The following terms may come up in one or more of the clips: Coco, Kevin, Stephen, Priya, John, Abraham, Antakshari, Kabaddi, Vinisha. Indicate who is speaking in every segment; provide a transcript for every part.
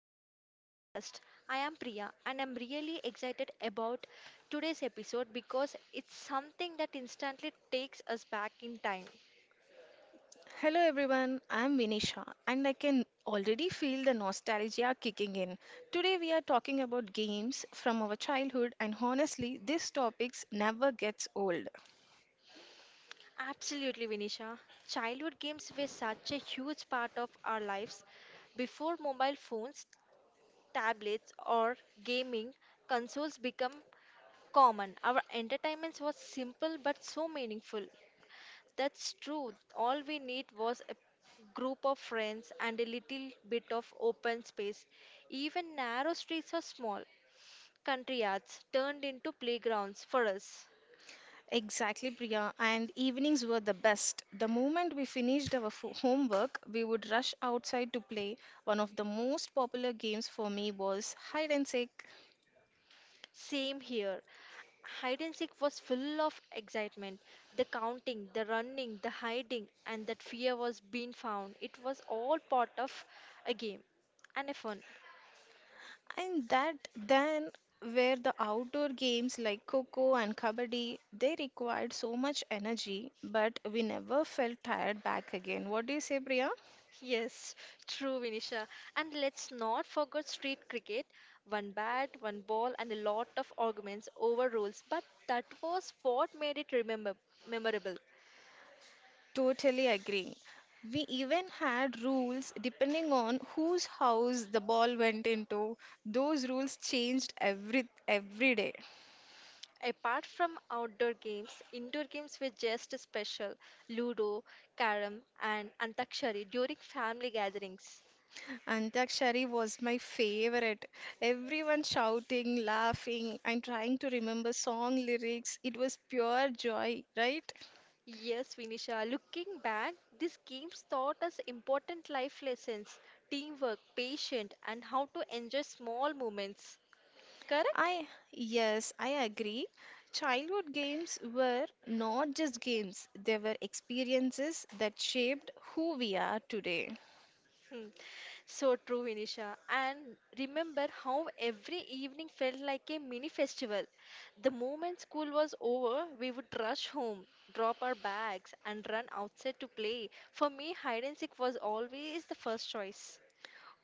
Speaker 1: back to our podcast. I am Priya and I'm really excited about today's episode because it's something that instantly takes us back in time.
Speaker 2: Hello everyone, I'm Vinisha and I can already feel the nostalgia kicking in. Today we are talking about games from our childhood and honestly this topics never gets old.
Speaker 1: Absolutely, Vinisha. Childhood games were such a huge part of our lives before mobile phones, tablets, or gaming consoles become common. Our entertainment was simple but so meaningful. That's true. All we need was a group of friends and a little bit of open space. Even narrow streets are small. Country yards turned into playgrounds for us.
Speaker 2: Exactly Priya and evenings were the best. The moment we finished our homework, we would rush outside to play. One of the most popular games for me was hide and seek.
Speaker 1: Same here. Hide and seek was full of excitement. The counting, the running, the hiding, and that fear was being found. It was all part of a game and a fun.
Speaker 2: And that then were the outdoor games like Coco and Kabaddi. They required so much energy, but we never felt tired back again. What do you say, Priya?
Speaker 1: Yes, true, Vinisha. And let's not forget street cricket. One bat, one ball, and a lot of arguments over rules. But that was what made it remember memorable.
Speaker 2: Totally agree. We even had rules depending on whose house the ball went into. Those rules changed every day.
Speaker 1: Apart from outdoor games, indoor games were just special. Ludo, carom, and antakshari during family gatherings.
Speaker 2: Antakshari was my favorite. Everyone shouting, laughing, and trying to remember song lyrics. It was pure joy, right?
Speaker 1: Yes, Vinisha. Looking back, these games taught us important life lessons, teamwork, patience, and how to enjoy small moments. Correct?
Speaker 2: I, yes, I agree. Childhood games were not just games, they were experiences that shaped who we are today.
Speaker 1: Hmm. So true, Vinisha. And remember how every evening felt like a mini festival. The moment school was over, we would rush home, drop our bags, and run outside to play. For me, hide and seek was always the first choice.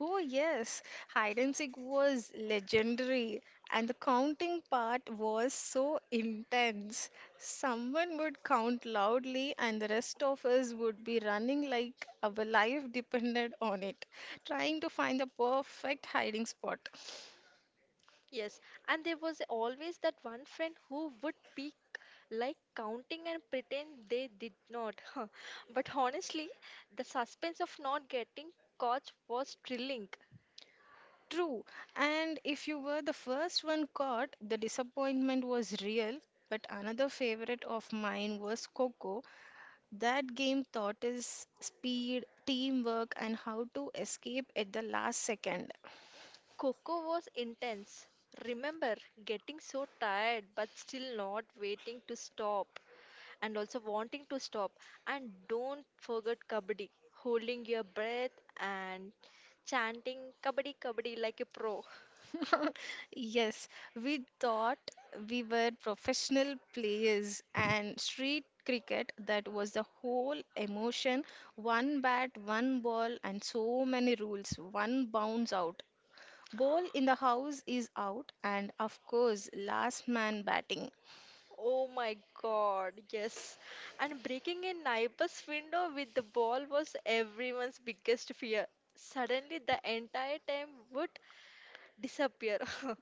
Speaker 2: Oh, yes, hide and seek was legendary, and the counting part was so intense. Someone would count loudly, and the rest of us would be running like our life depended on it, trying to find the perfect hiding spot.
Speaker 1: Yes, and there was always that one friend who would peek like counting and pretend they did not. But honestly, the suspense of not getting caught was thrilling.
Speaker 2: True. And if you were the first one caught, the disappointment was real. But another favorite of mine was Coco. That game taught us speed, teamwork, and how to escape at the last second.
Speaker 1: Coco was intense. Remember getting so tired but still not waiting to stop and also wanting to stop. And don't forget kabaddi, holding your breath and chanting kabaddi kabaddi like a pro.
Speaker 2: Yes, we thought we were professional players, and street cricket, that was the whole emotion. One bat, one ball, and so many rules. One bounce out. Ball in the house is out, and of course, last man batting.
Speaker 1: Oh my god, yes. And breaking a neighbor's window with the ball was everyone's biggest fear. Suddenly, the entire time would disappear.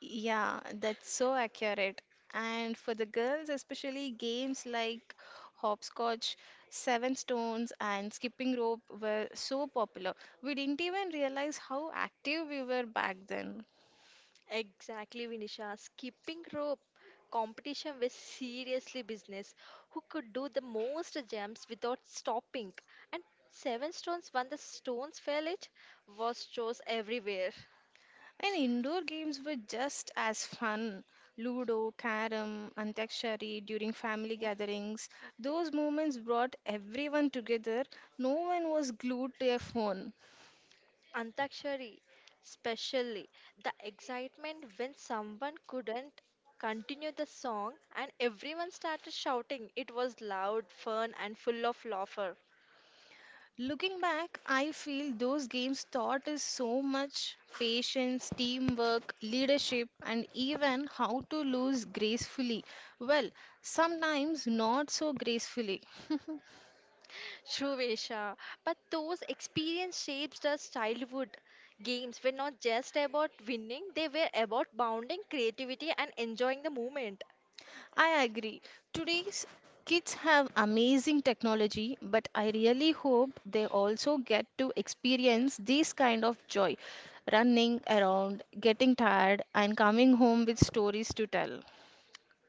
Speaker 2: Yeah, that's so accurate. And for the girls, especially games like hopscotch, seven stones, and skipping rope were so popular. We didn't even realize how active we were back then.
Speaker 1: Exactly, Vinisha. Skipping rope competition was seriously business. Who could do the most jumps without stopping? And seven stones when the stones fell it was chose everywhere.
Speaker 2: And indoor games were just as fun. Ludo, carom, antakshari during family gatherings. Those moments brought everyone together. No one was glued to a phone.
Speaker 1: Antakshari, especially the excitement when someone couldn't continue the song and everyone started shouting. It was loud, fun, and full of laughter.
Speaker 2: Looking back, I feel those games taught us so much patience, teamwork, leadership, and even how to lose gracefully. Well, sometimes not so gracefully.
Speaker 1: True, Vesha. But those experience shaped us childhood. Games were not just about winning, they were about bounding creativity and enjoying the moment.
Speaker 2: I agree. Today's kids have amazing technology, but I really hope they also get to experience this kind of joy, running around, getting tired, and coming home with stories to tell.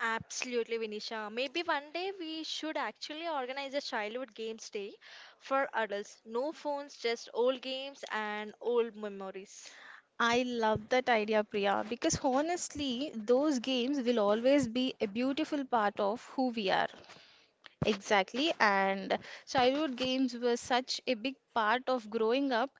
Speaker 1: Absolutely, Vinisha. Maybe one day we should actually organize a childhood games day for adults. No phones, just old games and old memories.
Speaker 2: I love that idea, Priya, because honestly, those games will always be a beautiful part of who we are. Exactly, and childhood games were such a big part of growing up.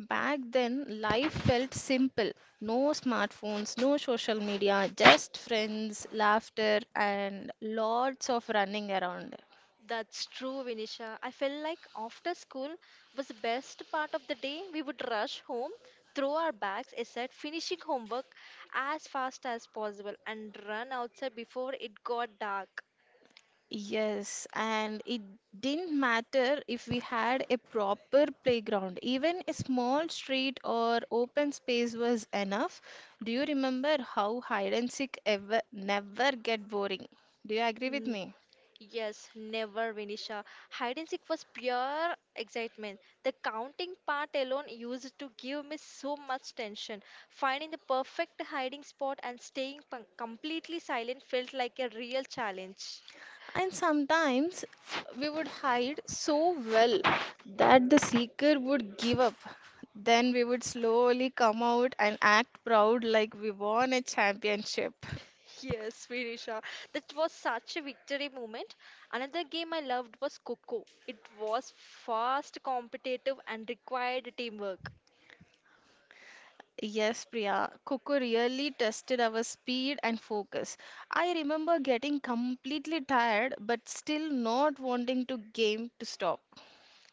Speaker 2: Back then, life felt simple. No smartphones, no social media, just friends, laughter, and lots of running around.
Speaker 1: That's true, Vinisha. I felt like after school was the best part of the day. We would rush home, throw our bags aside, finishing homework as fast as possible, and run outside before it got dark.
Speaker 2: Yes, and it didn't matter if we had a proper playground. Even a small street or open space was enough. Do you remember how hide and seek ever never get boring? Do you agree with
Speaker 1: N-
Speaker 2: me?
Speaker 1: Yes, never, Vinisha. Hide and seek was pure excitement. The counting part alone used to give me so much tension. Finding the perfect hiding spot and staying completely silent felt like a real challenge.
Speaker 2: And sometimes we would hide so well that the seeker would give up. Then we would slowly come out and act proud like we won a championship.
Speaker 1: Yes, Vinisha. That was such a victory moment. Another game I loved was Coco. It was fast, competitive, and required teamwork.
Speaker 2: Yes, Priya, Coco really tested our speed and focus. I remember getting completely tired but still not wanting to game to stop.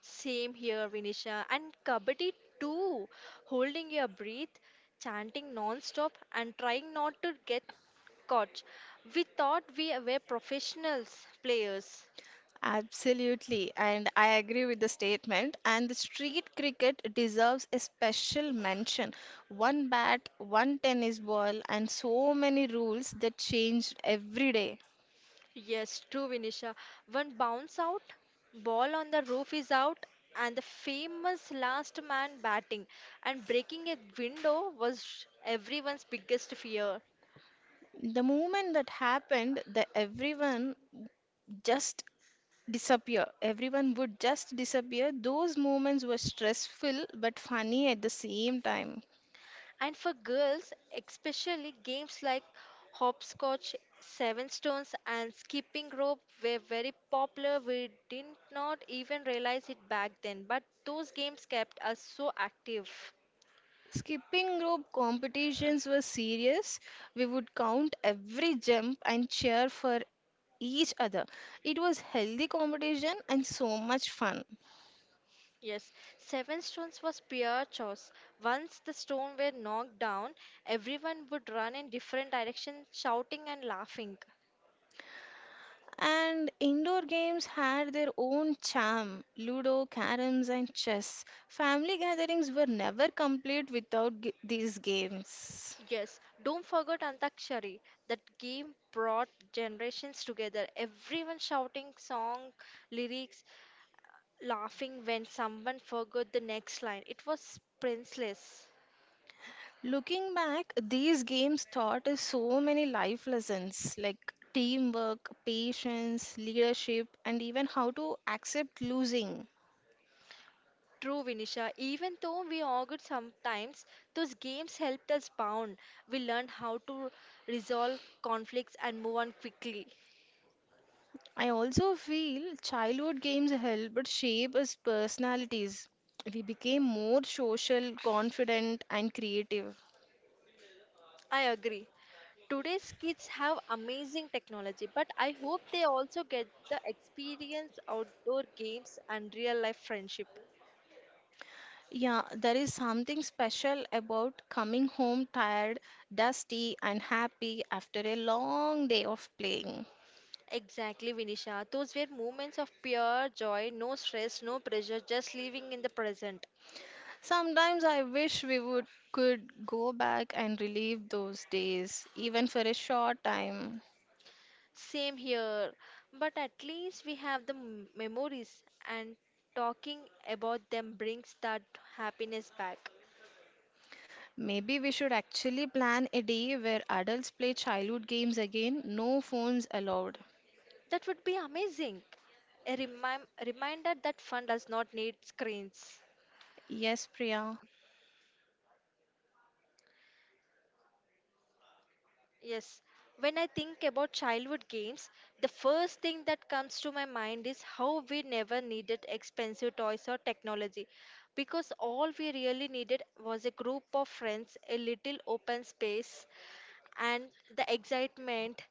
Speaker 1: Same here, Vinisha. And Kabaddi too. Holding your breath, chanting non-stop, and trying not to get caught. We thought we were professionals players.
Speaker 2: Absolutely, and I agree with the statement. And the street cricket deserves a special mention. One bat, one tennis ball, and so many rules that changed every day.
Speaker 1: Yes, true, Vinisha. One bounce out, ball on the roof is out, and the famous last man batting and breaking a window was everyone's biggest fear.
Speaker 2: The moment that happened, the everyone just disappear. Everyone would just disappear. Those moments were stressful but funny at the same time.
Speaker 1: And for girls, especially games like hopscotch, seven stones, and skipping rope were very popular. We did not even realize it back then, but those games kept us so active.
Speaker 2: Skipping rope competitions were serious. We would count every jump and cheer for each other. It was healthy competition and so much fun.
Speaker 1: Yes, seven stones was pure chaos. Once the stone were knocked down, everyone would run in different directions, shouting and laughing.
Speaker 2: And indoor games had their own charm Ludo, caroms, and chess. Family gatherings were never complete without these games.
Speaker 1: Yes, don't forget Antakshari. That game brought generations together. Everyone shouting song, lyrics, laughing when someone forgot the next line. It was priceless.
Speaker 2: Looking back, these games taught us so many life lessons like teamwork, patience, leadership, and even how to accept losing.
Speaker 1: True, Vinisha. Even though we argued sometimes, those games helped us bond. We learned how to resolve conflicts and move on quickly.
Speaker 2: I also feel childhood games helped shape us personalities. We became more social, confident, and creative.
Speaker 1: I agree. Today's kids have amazing technology, but I hope they also get the experience outdoor games and real life friendship.
Speaker 2: Yeah, there is something special about coming home tired, dusty, and happy after a long day of playing.
Speaker 1: Exactly, Vinisha. Those were moments of pure joy, no stress, no pressure, just living in the present.
Speaker 2: Sometimes I wish we would could go back and relive those days, even for a short time.
Speaker 1: Same here, but at least we have the memories, and talking about them brings that happiness back.
Speaker 2: Maybe we should actually plan a day where adults play childhood games again, no phones allowed.
Speaker 1: That would be amazing. A reminder that fun does not need screens.
Speaker 2: Yes, Priya.
Speaker 1: Yes, when I think about childhood games, the first thing that comes to my mind is how we never needed expensive toys or technology, because all we really needed was a group of friends, a little open space, and the excitement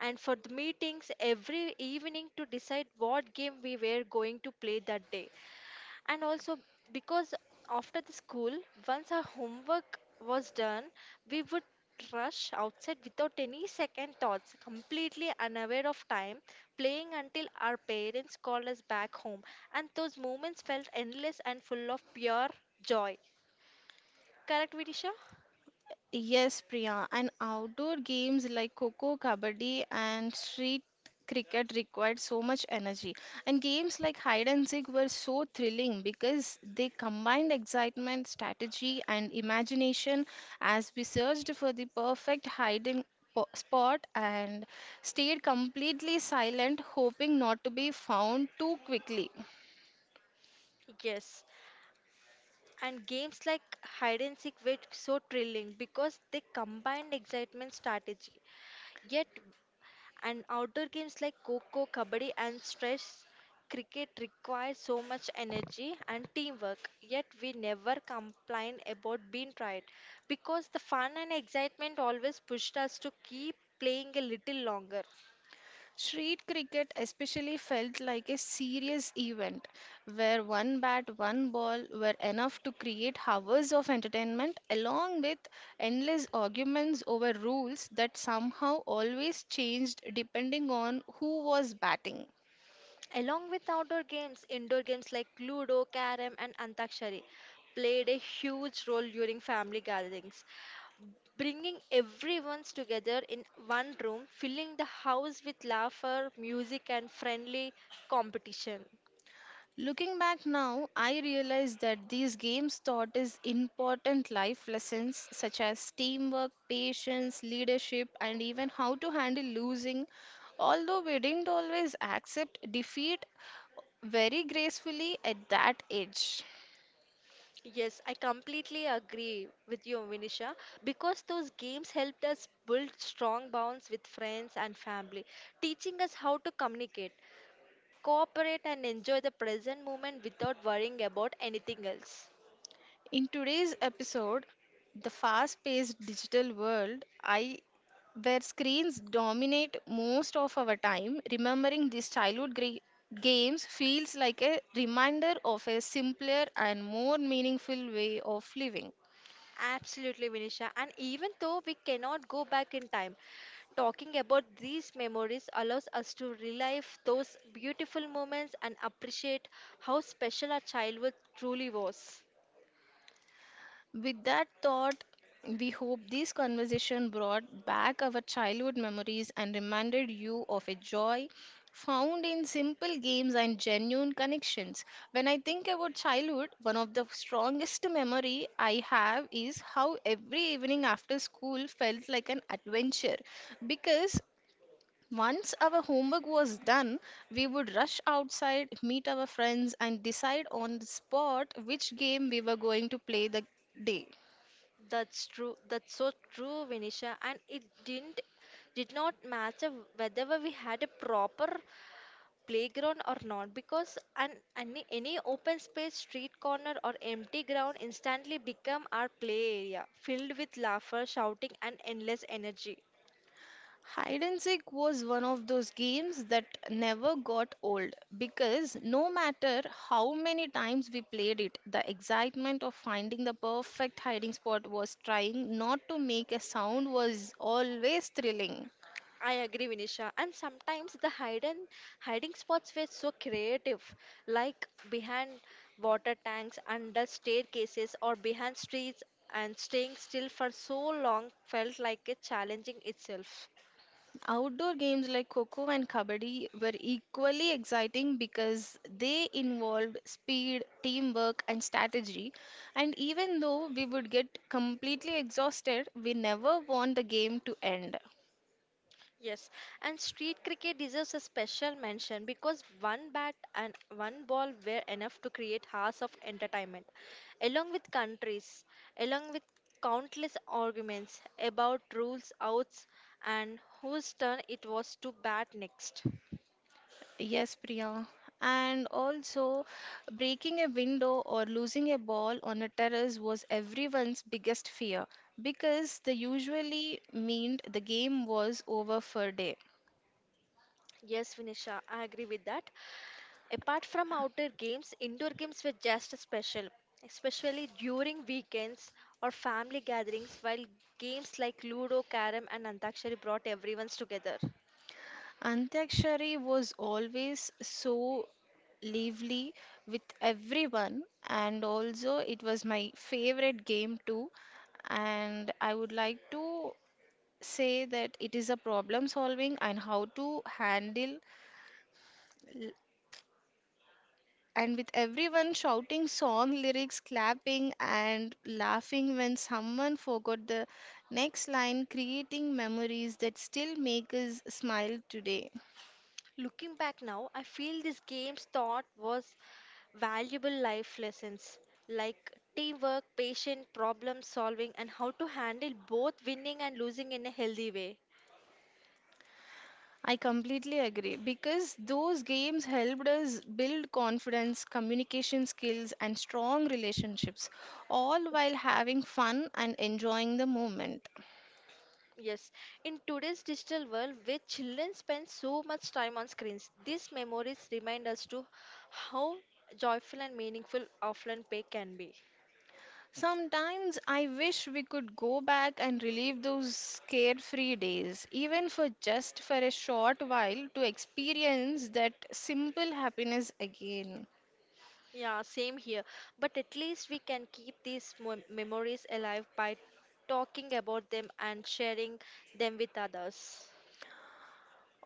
Speaker 1: and for the meetings every evening to decide what game we were going to play that day. And also because after the school, once our homework was done, we would rush outside without any second thoughts, completely unaware of time, playing until our parents called us back home. And those moments felt endless and full of pure joy. Correct, Vidisha?
Speaker 2: Yes, Priya. And outdoor games like Coco, Kabaddi, and street cricket required so much energy. And games like hide and seek were so thrilling because they combined excitement, strategy, and imagination as we searched for the perfect hiding spot and stayed completely silent, hoping not to be found too quickly.
Speaker 1: Yes. And games like hide and seek were so thrilling because they combined excitement strategy. Yet, and outdoor games like coco, kabaddi, and stress cricket require so much energy and teamwork. Yet, we never complain about being tired because the fun and excitement always pushed us to keep playing a little longer.
Speaker 2: Street cricket especially felt like a serious event where one bat, one ball were enough to create hours of entertainment along with endless arguments over rules that somehow always changed depending on who was batting.
Speaker 1: Along with outdoor games, indoor games like Ludo, Carrom, and Antakshari played a huge role during family gatherings, bringing everyone together in one room, filling the house with laughter, music, and friendly competition.
Speaker 2: Looking back now, I realize that these games taught us important life lessons such as teamwork, patience, leadership, and even how to handle losing. Although we didn't always accept defeat very gracefully at that age.
Speaker 1: Yes, I completely agree with you, Vinisha, because those games helped us build strong bonds with friends and family, teaching us how to communicate, cooperate and enjoy the present moment without worrying about anything else.
Speaker 2: In today's episode, the fast paced digital world, I where screens dominate most of our time, remembering these childhood games feels like a reminder of a simpler and more meaningful way of living.
Speaker 1: Absolutely, Vinisha. And even though we cannot go back in time, talking about these memories allows us to relive those beautiful moments and appreciate how special our childhood truly was.
Speaker 2: With that thought, we hope this conversation brought back our childhood memories and reminded you of a joy found in simple games and genuine connections. When I think about childhood, one of the strongest memory I have is how every evening after school felt like an adventure because once our homework was done, we would rush outside, meet our friends, and decide on the spot which game we were going to play the day.
Speaker 1: That's true. That's so true, Vinisha. And it did not matter whether we had a proper playground or not, because any open space, street corner or empty ground instantly become our play area, filled with laughter, shouting and endless energy.
Speaker 2: Hide and seek was one of those games that never got old because no matter how many times we played it, the excitement of finding the perfect hiding spot was trying not to make a sound was always thrilling.
Speaker 1: I agree, Vinisha. And sometimes the hidden hiding spots were so creative, like behind water tanks, under staircases, or behind streets. And staying still for so long felt like a challenging itself.
Speaker 2: Outdoor games like Coco and Kabaddi were equally exciting because they involved speed, teamwork, and strategy. And even though we would get completely exhausted, we never want the game to end.
Speaker 1: Yes, and street cricket deserves a special mention because one bat and one ball were enough to create hours of entertainment, along with countries, along with countless arguments about rules, outs, and whose turn it was to bat next.
Speaker 2: Yes, Priya. And also, breaking a window or losing a ball on a terrace was everyone's biggest fear because they usually meant the game was over for a day.
Speaker 1: Yes, Vinisha, I agree with that. Apart from outdoor games, indoor games were just special, especially during weekends or family gatherings, while games like Ludo, Karam, and Antakshari brought everyone together.
Speaker 2: Antakshari was always so lively with everyone, and also it was my favorite game too. And I would like to say that it is a problem solving and how to handle and with everyone shouting song lyrics, clapping, and laughing when someone forgot the next line, creating memories that still make us smile today.
Speaker 1: Looking back now, I feel these games taught was valuable life lessons like teamwork, patience, problem solving, and how to handle both winning and losing in a healthy way.
Speaker 2: I completely agree because those games helped us build confidence, communication skills, and strong relationships, all while having fun and enjoying the moment.
Speaker 1: Yes, in today's digital world where children spend so much time on screens, these memories remind us to how joyful and meaningful offline play can be.
Speaker 2: Sometimes I wish we could go back and relive those carefree days, even for just for a short while to experience that simple happiness again.
Speaker 1: Yeah, same here. But at least we can keep these memories alive by talking about them and sharing them with others.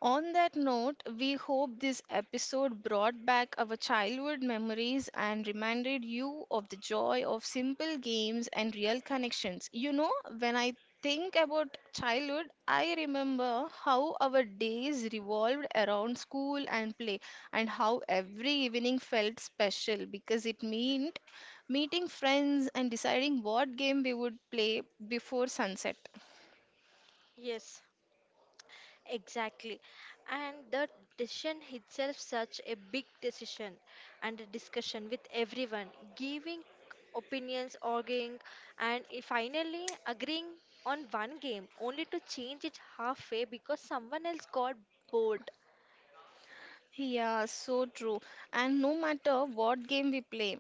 Speaker 2: On that note, we hope this episode brought back our childhood memories and reminded you of the joy of simple games and real connections. You know, when I think about childhood, I remember how our days revolved around school and play, and how every evening felt special because it meant meeting friends and deciding what game we would play before sunset.
Speaker 1: Yes. Exactly. And the decision itself such a big decision, and a discussion with everyone, giving opinions, arguing, and finally agreeing on one game, only to change it halfway because someone else got bored.
Speaker 2: Yeah, so true. And no matter what game we play,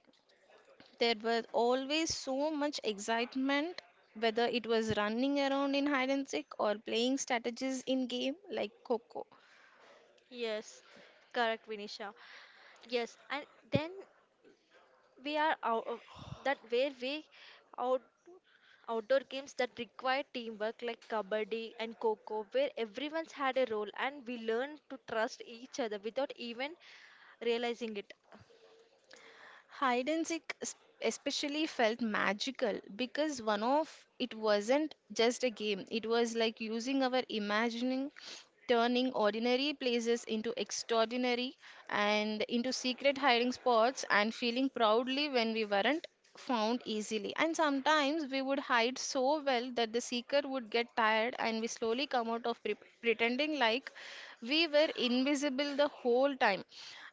Speaker 2: there was always so much excitement, whether it was running around in hide and seek or playing strategies in game like Coco.
Speaker 1: Yes, correct, Vinisha. Yes, and then we are out of that where we out outdoor games that require teamwork, like kabaddi and coco, where everyone's had a role and we learned to trust each other without even realizing it.
Speaker 2: Hide and seek especially felt magical because one of it wasn't just a game. It was like using our imagining, turning ordinary places into extraordinary and into secret hiding spots and feeling proudly when we weren't found easily. And sometimes we would hide so well that the seeker would get tired and we slowly come out of pretending like we were invisible the whole time.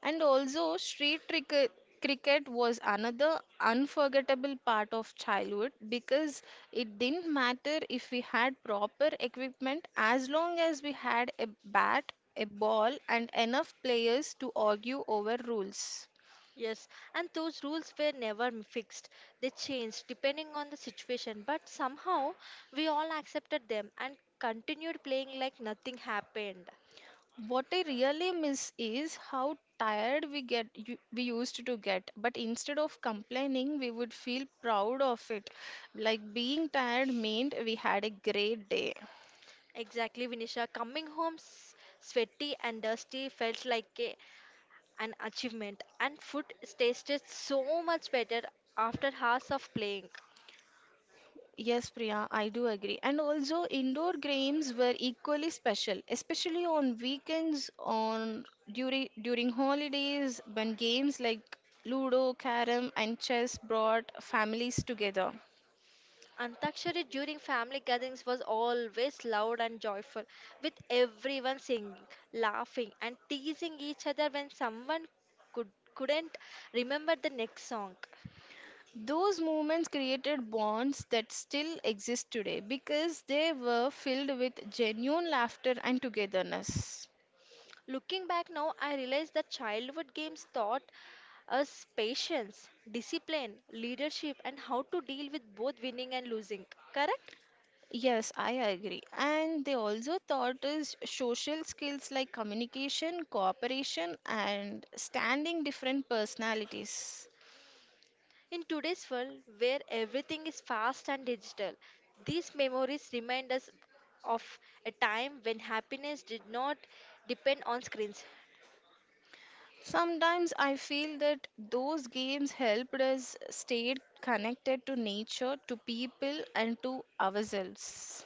Speaker 2: And also, cricket was another unforgettable part of childhood because it didn't matter if we had proper equipment as long as we had a bat, a ball, and enough players to argue over rules.
Speaker 1: Yes, and those rules were never fixed. They changed depending on the situation, but somehow we all accepted them and continued playing like nothing happened.
Speaker 2: What I really miss is how tired we we used to get, but instead of complaining, we would feel proud of it. Like being tired meant we had a great day.
Speaker 1: Exactly, Vinisha. Coming home sweaty and dusty felt like a an achievement, and food tasted so much better after hours of playing.
Speaker 2: Yes, Priya, I do agree. And also, indoor games were equally special, especially on weekends, on during holidays, when games like Ludo, Carom, and chess brought families together.
Speaker 1: Antakshari during family gatherings was always loud and joyful, with everyone singing, laughing, and teasing each other when someone could couldn't remember the next song.
Speaker 2: Those moments created bonds that still exist today because they were filled with genuine laughter and togetherness.
Speaker 1: Looking back now, I realize that childhood games taught us patience, discipline, leadership, and how to deal with both winning and losing. Correct?
Speaker 2: Yes, I agree. And they also taught us social skills like communication, cooperation, and standing different personalities.
Speaker 1: In today's world, where everything is fast and digital, these memories remind us of a time when happiness did not depend on screens.
Speaker 2: Sometimes I feel that those games helped us stay connected to nature, to people, and to ourselves.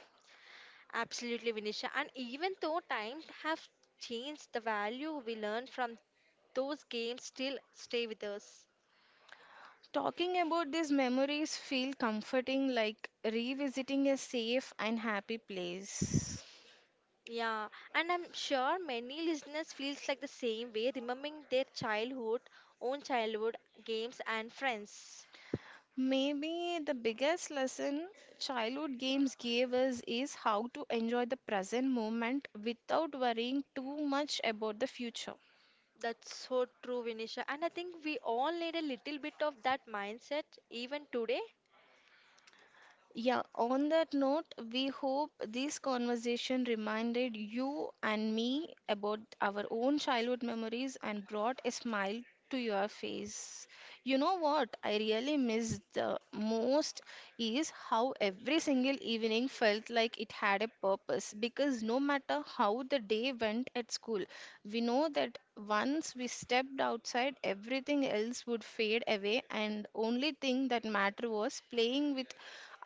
Speaker 1: Absolutely, Vinisha. And even though times have changed, the value we learn from those games still stay with us.
Speaker 2: Talking about these memories feel comforting like revisiting a safe and happy place.
Speaker 1: Yeah, and I'm sure many listeners feels like the same way, remembering own childhood games and friends.
Speaker 2: Maybe the biggest lesson childhood games gave us is how to enjoy the present moment without worrying too much about the future.
Speaker 1: That's so true, Vinisha. And I think we all need a little bit of that mindset even today.
Speaker 2: Yeah, on that note, we hope this conversation reminded you and me about our own childhood memories and brought a smile to your face. You know what I really miss the most is how every single evening felt like it had a purpose because no matter how the day went at school, we know that once we stepped outside, everything else would fade away, and only thing that mattered was playing with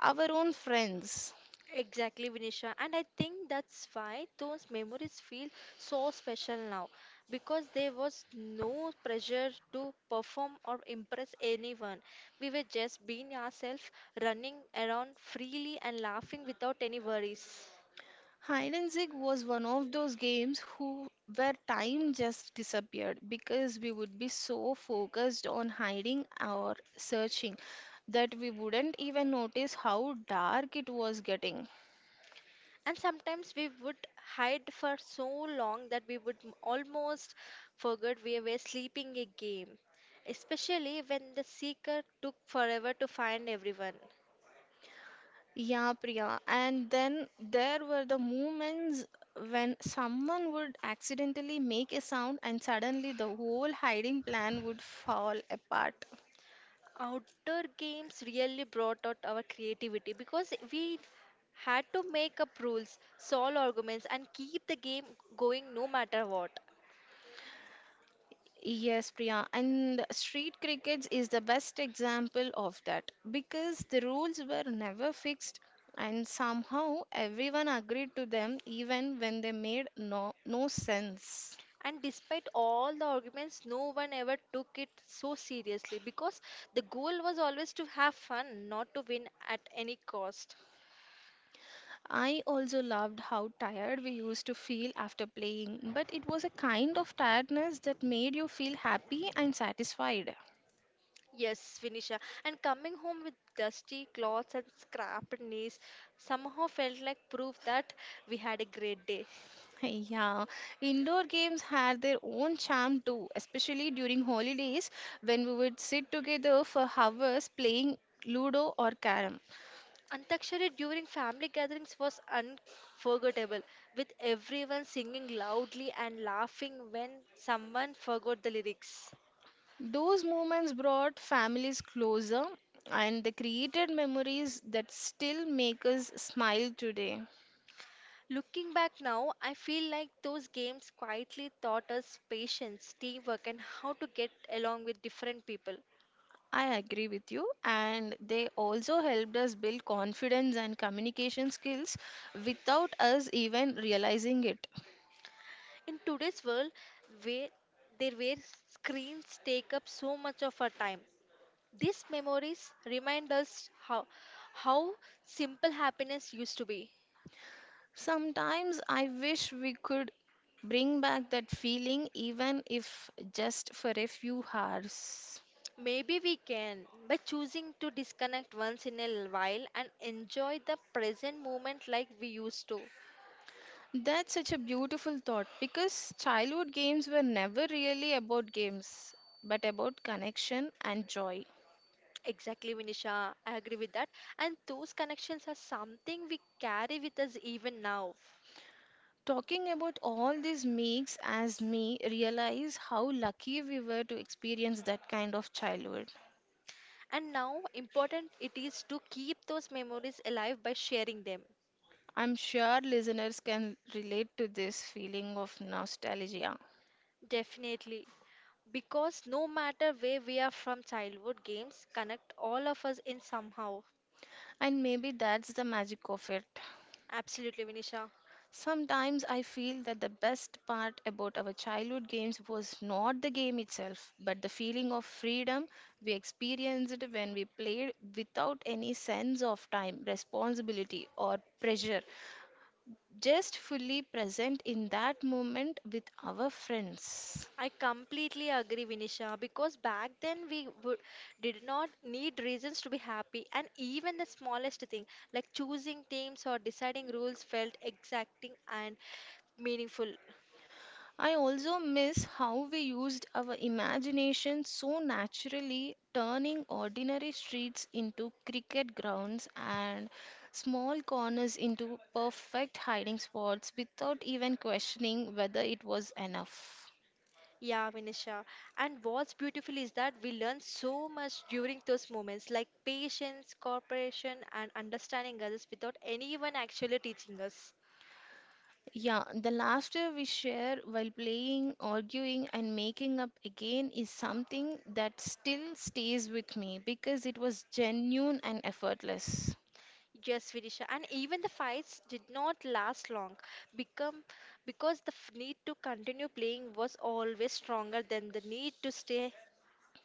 Speaker 2: our own friends.
Speaker 1: Exactly, Vinisha. And I think that's why those memories feel so special now because there was no pressure to perform or impress anyone. We were just being ourselves, running around freely and laughing without any worries.
Speaker 2: Hide and seek was one of those games who where time just disappeared because we would be so focused on hiding or searching that we wouldn't even notice how dark it was getting.
Speaker 1: And sometimes we would hide for so long that we would almost forget we were sleeping a game, especially when the seeker took forever to find everyone.
Speaker 2: Yeah, Priya. And then there were the moments when someone would accidentally make a sound and suddenly the whole hiding plan would fall apart.
Speaker 1: Outdoor games really brought out our creativity because we had to make up rules, solve arguments, and keep the game going no matter what.
Speaker 2: Yes, Priya, and street crickets is the best example of that because the rules were never fixed and somehow everyone agreed to them even when they made no sense.
Speaker 1: And despite all the arguments, no one ever took it so seriously because the goal was always to have fun, not to win at any cost.
Speaker 2: I also loved how tired we used to feel after playing, but it was a kind of tiredness that made you feel happy and satisfied.
Speaker 1: Yes, Vinisha. And coming home with dusty clothes and scraped knees somehow felt like proof that we had a great day.
Speaker 2: Yeah, indoor games had their own charm too, especially during holidays when we would sit together for hours playing Ludo or Carrom.
Speaker 1: Antakshari during family gatherings was unforgettable, with everyone singing loudly and laughing when someone forgot the lyrics.
Speaker 2: Those moments brought families closer and they created memories that still make us smile today.
Speaker 1: Looking back now, I feel like those games quietly taught us patience, teamwork, and how to get along with different people.
Speaker 2: I agree with you, and they also helped us build confidence and communication skills without us even realizing it.
Speaker 1: In today's world, where there where screens take up so much of our time, these memories remind us how how simple happiness used to be.
Speaker 2: Sometimes I wish we could bring back that feeling, even if just for a few hours.
Speaker 1: Maybe we can by choosing to disconnect once in a while and enjoy the present moment like we used to.
Speaker 2: That's such a beautiful thought because childhood games were never really about games, but about connection and joy.
Speaker 1: Exactly, Vinisha. I agree with that. And those connections are something we carry with us even now.
Speaker 2: Talking about all this makes as me realize how lucky we were to experience that kind of childhood.
Speaker 1: And now, important it is to keep those memories alive by sharing them.
Speaker 2: I'm sure listeners can relate to this feeling of nostalgia,
Speaker 1: Definitely. Because no matter where we are from, childhood games connect all of us in somehow.
Speaker 2: and maybe that's the magic of it.
Speaker 1: Absolutely, Vinisha.
Speaker 2: Sometimes I feel that the best part about our childhood games was not the game itself, but the feeling of freedom we experienced when we played without any sense of time, responsibility, or pressure. Just fully present in that moment with our friends.
Speaker 1: I completely agree, Vinisha, because back then did not need reasons to be happy, and even the smallest thing, like choosing teams or deciding rules, felt exacting and meaningful.
Speaker 2: I also miss how we used our imagination so naturally, turning ordinary streets into cricket grounds and small corners into perfect hiding spots without even questioning whether it was enough.
Speaker 1: Yeah, Vinisha. And what's beautiful is that we learn so much during those moments, like patience, cooperation, and understanding others without anyone actually teaching us.
Speaker 2: Yeah, the laughter we share while playing, arguing, and making up again is something that still stays with me because it was genuine and effortless.
Speaker 1: Yes, Vidisha, and even the fights did not last long become because the need to continue playing was always stronger than the need to stay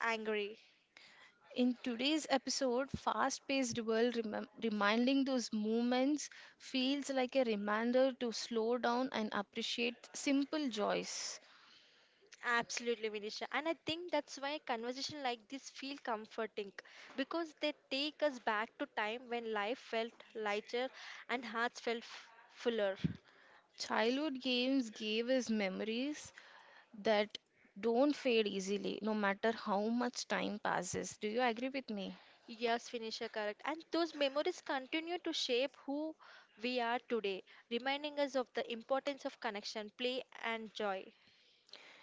Speaker 1: angry.
Speaker 2: In today's episode, fast paced world reminding those moments feels like a reminder to slow down and appreciate simple joys.
Speaker 1: Absolutely, Vidisha, and I think that's why conversation like this feel comforting because they take us back to time when life felt lighter and hearts felt fuller.
Speaker 2: Childhood games gave us memories that don't fade easily no matter how much time passes. Do you agree with me?
Speaker 1: Yes, Finisher, correct. And those memories continue to shape who we are today, reminding us of the importance of connection, play, and joy.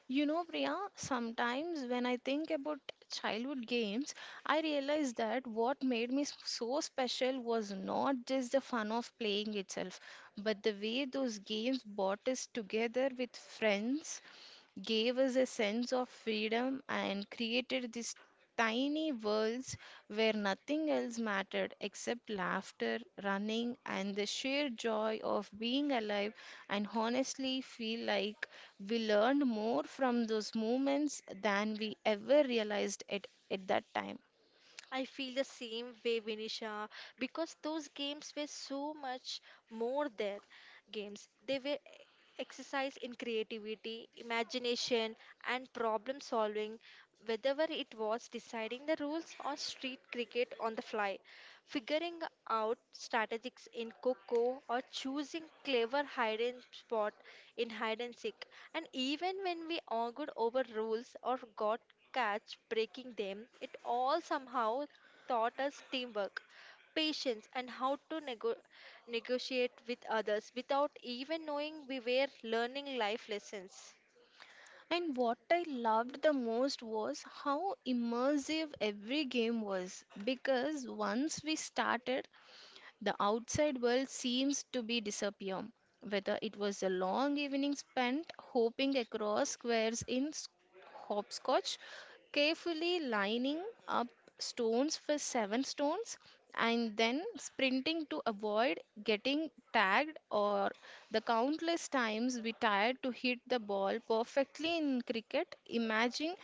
Speaker 2: You know, Priya, sometimes when I think about childhood games, I realize that what made me so special was not just the fun of playing itself, but the way those games brought us together with friends, gave us a sense of freedom, and created these tiny worlds where nothing else mattered except laughter, running, and the sheer joy of being alive and honestly feel like. We learned more from those moments than we ever realized it at that time.
Speaker 1: I feel the same way, Vinisha, because those games were so much more than games. They were exercise in creativity, imagination, and problem solving, whether it was deciding the rules on street cricket on the fly, figuring out strategies in Coco or choosing clever hide and spot in hide and seek. And even when we argued over rules or got catch breaking them, it all somehow taught us teamwork, patience, and how to negotiate with others without even knowing we were learning life lessons.
Speaker 2: And what I loved the most was how immersive every game was because once we started, the outside world seems to be disappear. Whether it was a long evening spent hopping across squares in hopscotch, carefully lining up stones for seven stones, and then sprinting to avoid getting tagged, or the countless times we tried to hit the ball perfectly in cricket, imagine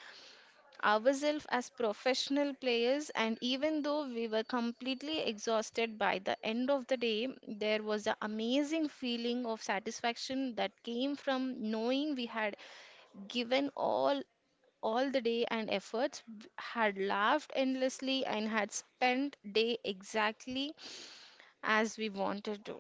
Speaker 2: ourselves as professional players, and even though we were completely exhausted by the end of the day, there was an amazing feeling of satisfaction that came from knowing we had given all the day and efforts had laughed endlessly and had spent day exactly as we wanted to.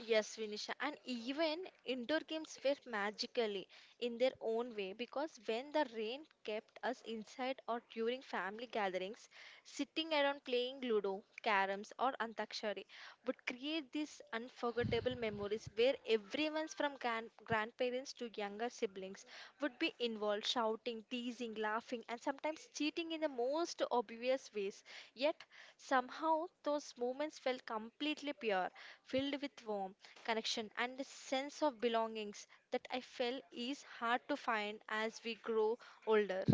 Speaker 1: Yes, Vinisha, and even indoor games were magically in their own way because when the rain kept us inside or during family gatherings, sitting around playing Ludo, Caroms, or Antakshari would create these unforgettable memories where everyone's from grandparents to younger siblings would be involved, shouting, teasing, laughing, and sometimes cheating in the most obvious ways. Yet somehow those moments felt completely pure, filled with warmth, connection, and a sense of belongings that I felt is hard to find as we grow older.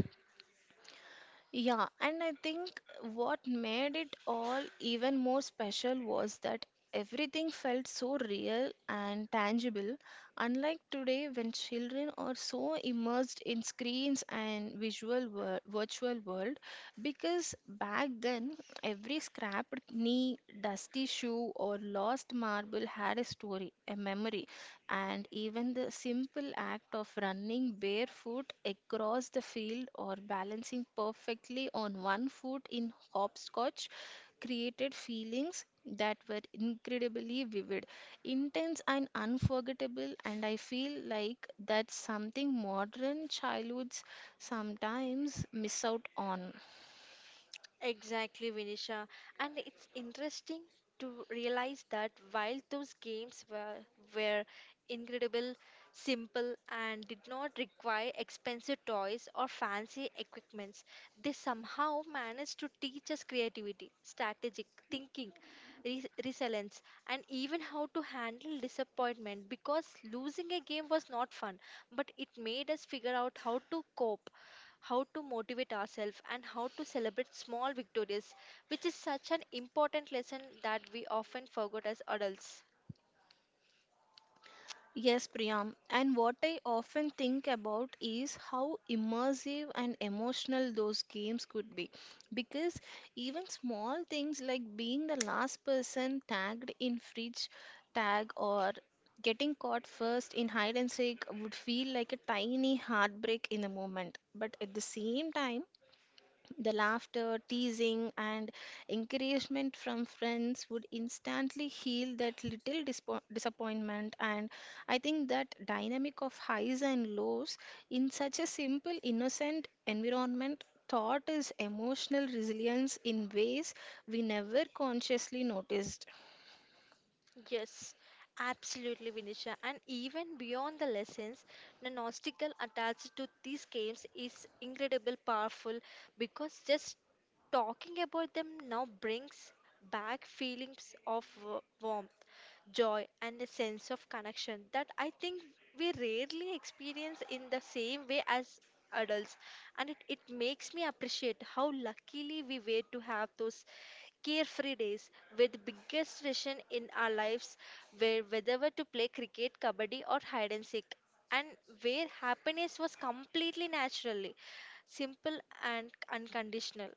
Speaker 2: Yeah, and I think what made it all even more special was that everything felt so real and tangible, unlike today when children are so immersed in screens and virtual world. Because back then, every scrapped knee, dusty shoe, or lost marble had a story, a memory and even the simple act of running barefoot across the field or balancing perfectly on one foot in hopscotch created feelings that were incredibly vivid, intense, and unforgettable. And I feel like that's something modern childhoods sometimes miss out on.
Speaker 1: Exactly, Vinisha. And it's interesting to realize that while those games were incredible, simple, and did not require expensive toys or fancy equipments, they somehow managed to teach us creativity, strategic thinking, resilience, and even how to handle disappointment because losing a game was not fun, but it made us figure out how to cope, how to motivate ourselves, and how to celebrate small victories, which is such an important lesson that we often forget as adults.
Speaker 2: Yes, Priyam. And what I often think about is how immersive and emotional those games could be. Because even small things like being the last person tagged in fridge tag or getting caught first in hide and seek would feel like a tiny heartbreak in the moment. But at the same time, the laughter, teasing, and encouragement from friends would instantly heal that little disappointment. And I think that dynamic of highs and lows in such a simple, innocent environment taught us emotional resilience in ways we never consciously noticed.
Speaker 1: Yes, absolutely, Vinisha. And even beyond the lessons, the nostalgia attached to these games is incredible powerful because just talking about them now brings back feelings of warmth, joy, and a sense of connection that I think we rarely experience in the same way as adults, and it makes me appreciate how luckily we were to have those carefree days where the biggest decision in our lives were whether to play cricket kabaddi or hide and seek, and where happiness was completely naturally simple and unconditional.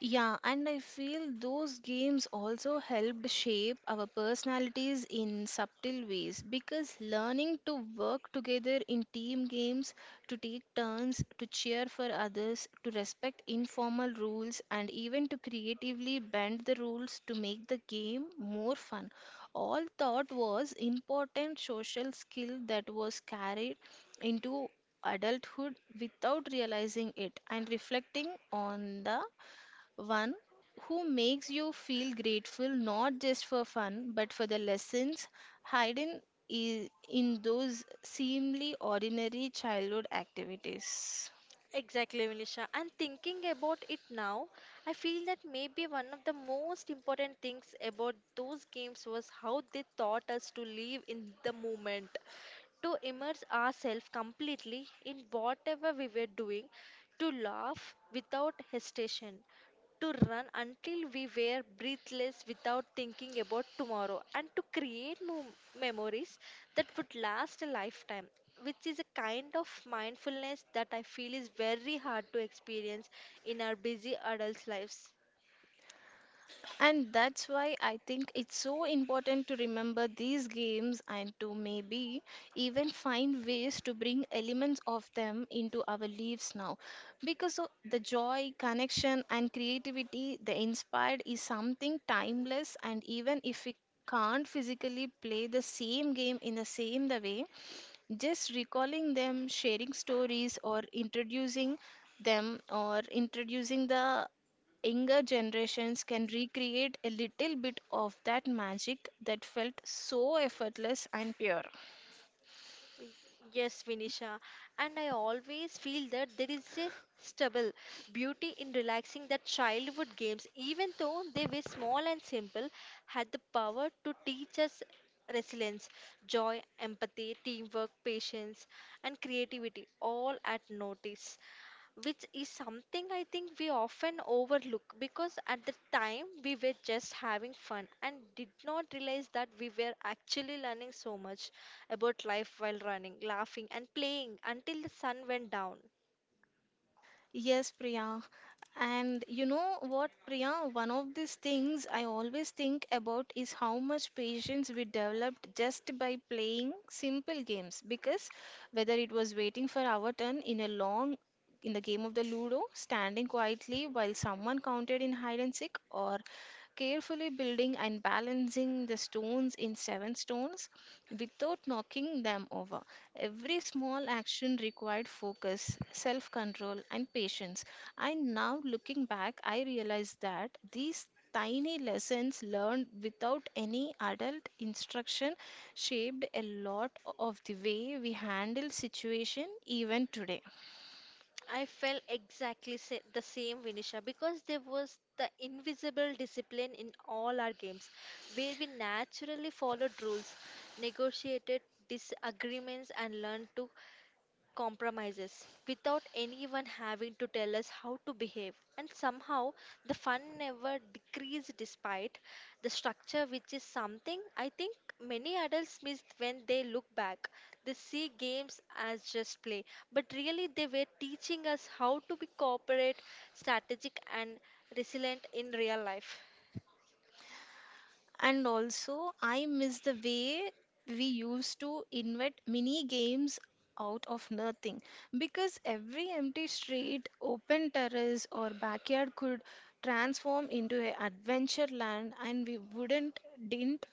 Speaker 2: Yeah, and I feel those games also helped shape our personalities in subtle ways because learning to work together in team games, to take turns, to cheer for others, to respect informal rules, and even to creatively bend the rules to make the game more fun, all thought was important social skill that was carried into adulthood without realizing it and reflecting on the one who makes you feel grateful not just for fun but for the lessons hidden in those seemingly ordinary childhood activities.
Speaker 1: Exactly, Vinisha. And thinking about it now, I feel that maybe one of the most important things about those games was how they taught us to live in the moment, to immerse ourselves completely in whatever we were doing, to laugh without hesitation, to run until we were breathless without thinking about tomorrow, and to create memories that would last a lifetime. Which is a kind of mindfulness that I feel is very hard to experience in our busy adult lives.
Speaker 2: And that's why I think it's so important to remember these games and to maybe even find ways to bring elements of them into our lives now. Because of the joy, connection, and creativity they inspired is something timeless, and even if we can't physically play the same game in the same the way just recalling them, sharing stories, or introducing the younger generations can recreate a little bit of that magic that felt so effortless and pure.
Speaker 1: Yes, Vinisha. And I always feel that there is a stubble beauty in relaxing that childhood games, even though they were small and simple, had the power to teach us resilience, joy, empathy, teamwork, patience, and creativity all at notice, which is something I think we often overlook because at the time we were just having fun and did not realize that we were actually learning so much about life while running, laughing, and playing until the sun went down.
Speaker 2: Yes, Priya. And you know what, Priya? One of these things I always think about is how much patience we developed just by playing simple games. Because whether it was waiting for our turn in a long in the game of the Ludo, standing quietly while someone counted in hide and seek, or carefully building and balancing the stones in seven stones without knocking them over. Every small action required focus, self control, and patience. And now, looking back, I realize that these tiny lessons learned without any adult instruction shaped a lot of the way we handle situation even today.
Speaker 1: I felt exactly the same, Vinisha, because there was the invisible discipline in all our games where we naturally followed rules, negotiated disagreements, and learned to compromises without anyone having to tell us how to behave. And somehow the fun never decreased despite the structure, which is something I think many adults miss when they look back. They see games as just play, but really they were teaching us how to be cooperate, strategic, and resilient in real life.
Speaker 2: And also, I miss the way we used to invent mini games out of nothing because every empty street, open terrace, or backyard could transform into an adventure land, and we wouldn't didn't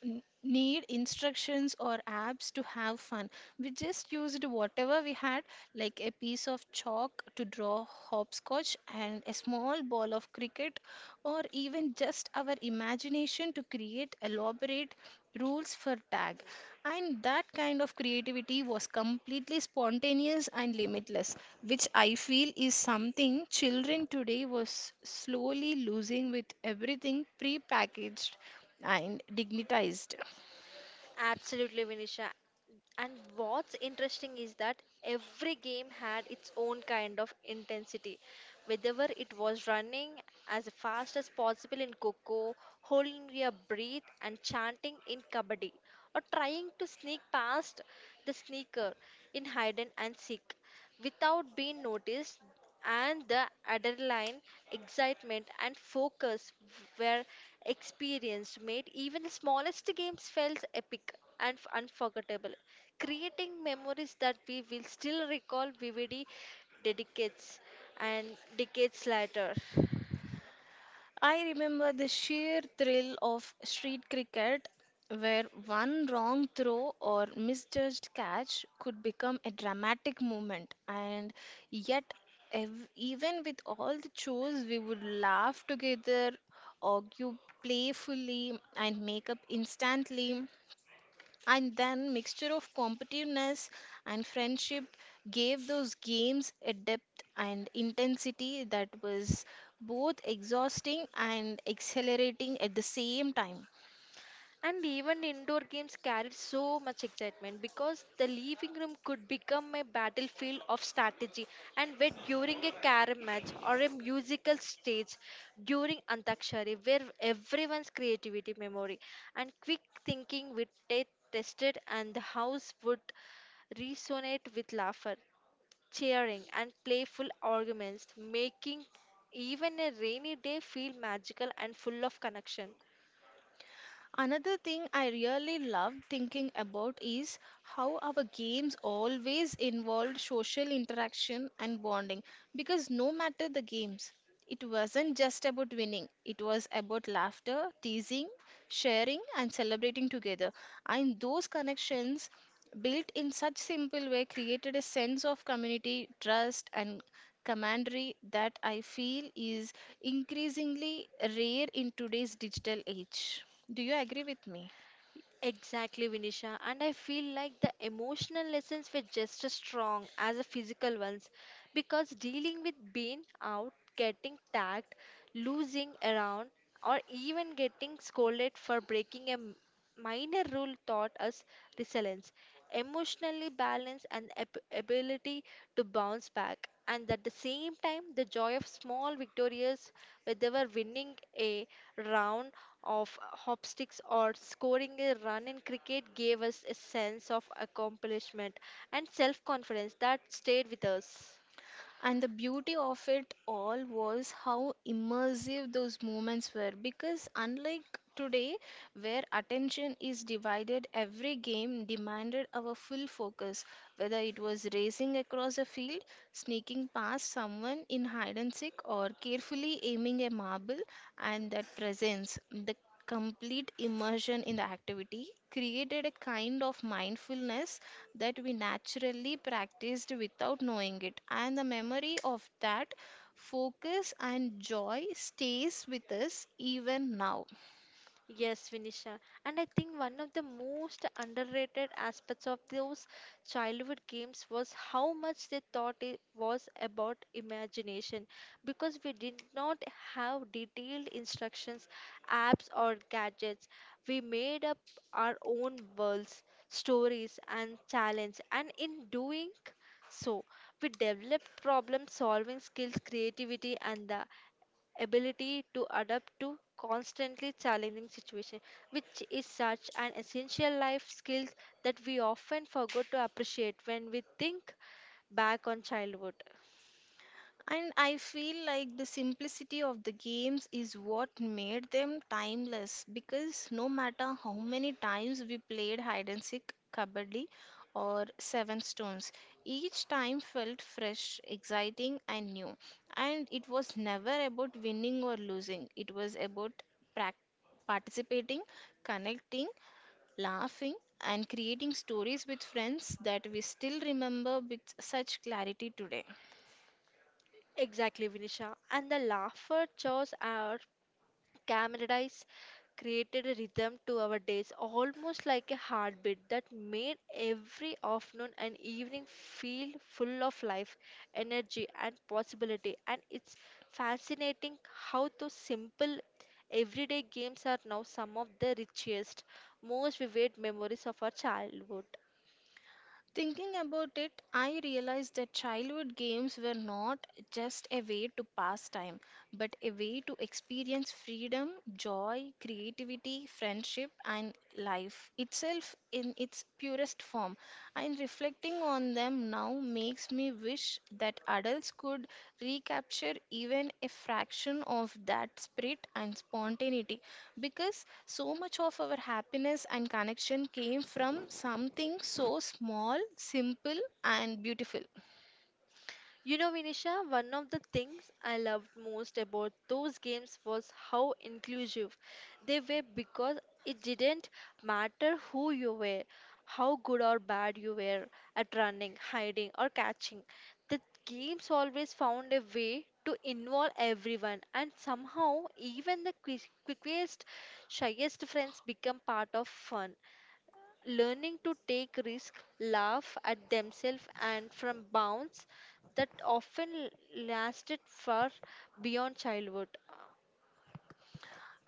Speaker 2: need instructions or apps to have fun. We just used whatever we had, like a piece of chalk to draw hopscotch and a small ball of cricket, or even just our imagination to create elaborate rules for tag. And that kind of creativity was completely spontaneous and limitless, which I feel is something children today was slowly losing with everything prepackaged and dignitized.
Speaker 1: Absolutely, Vinisha. And what's interesting is that every game had its own kind of intensity. Whether it was running as fast as possible in Coco, holding your breath and chanting in Kabaddi, or trying to sneak past the sneaker in Hide and Seek without being noticed, and the adrenaline, excitement, and focus were experienced, made even the smallest games felt epic and unforgettable, creating memories that we will still recall vividly decades and decades later.
Speaker 2: I remember the sheer thrill of street cricket, where one wrong throw or misjudged catch could become a dramatic moment, and yet, even with all the chores, we would laugh together, argue playfully, and make up instantly and then mixture of competitiveness and friendship gave those games a depth and intensity that was both exhausting and exhilarating at the same time.
Speaker 1: And even indoor games carried so much excitement because the living room could become a battlefield of strategy. And where during a carom match or a musical stage during Antakshari, where everyone's creativity, memory, and quick thinking would get tested, and the house would resonate with laughter, cheering, and playful arguments, making even a rainy day feel magical and full of connection.
Speaker 2: Another thing I really love thinking about is how our games always involved social interaction and bonding because no matter the games, it wasn't just about winning, it was about laughter, teasing, sharing, and celebrating together. And those connections built in such simple way created a sense of community trust and camaraderie that I feel is increasingly rare in today's digital age. Do you agree with me?
Speaker 1: Exactly, Vinisha. And I feel like the emotional lessons were just as strong as the physical ones because dealing with being out, getting tagged, losing around, or even getting scolded for breaking a minor rule taught us resilience, emotionally balanced and ability to bounce back, and at the same time the joy of small victories, whether winning a round of hopsticks or scoring a run in cricket, gave us a sense of accomplishment and self-confidence that stayed with us.
Speaker 2: And the beauty of it all was how immersive those moments were because, unlike today, where attention is divided, every game demanded our full focus, whether it was racing across a field, sneaking past someone in hide and seek, or carefully aiming a marble. And that presence, the complete immersion in the activity created a kind of mindfulness that we naturally practiced without knowing it. And the memory of that focus and joy stays with us even now.
Speaker 1: Yes, Vinisha. And I think one of the most underrated aspects of those childhood games was how much they thought it was about imagination because we did not have detailed instructions, apps, or gadgets. We made up our own worlds, stories, and challenge. And in doing so, we developed problem solving skills, creativity, and the ability to adapt to constantly challenging situations, which is such an essential life skill that we often forget to appreciate when we think back on childhood.
Speaker 2: And I feel like the simplicity of the games is what made them timeless because no matter how many times we played hide and seek, kabaddi, or seven stones, each time felt fresh, exciting, and new. And it was never about winning or losing, it was about prac- participating, connecting, laughing, and creating stories with friends that we still remember with such clarity today.
Speaker 1: Exactly, Vinisha. And the laughter chores are camaraderie created a rhythm to our days, almost like a heartbeat that made every afternoon and evening feel full of life, energy, and possibility. And it's fascinating how those simple everyday games are now some of the richest, most vivid memories of our childhood.
Speaker 2: Thinking about it, I realized that childhood games were not just a way to pass time, but a way to experience freedom, joy, creativity, friendship, and life itself in its purest form and reflecting on them now makes me wish that adults could recapture even a fraction of that spirit and spontaneity because so much of our happiness and connection came from something so small, simple, and beautiful.
Speaker 1: You know, Vinisha, one of the things I loved most about those games was how inclusive they were because it didn't matter who you were, how good or bad you were at running, hiding, or catching. The games always found a way to involve everyone, and somehow, even the quickest, shyest friends become part of fun, learning to take risk, laugh at themselves and from bounds that often lasted far beyond childhood.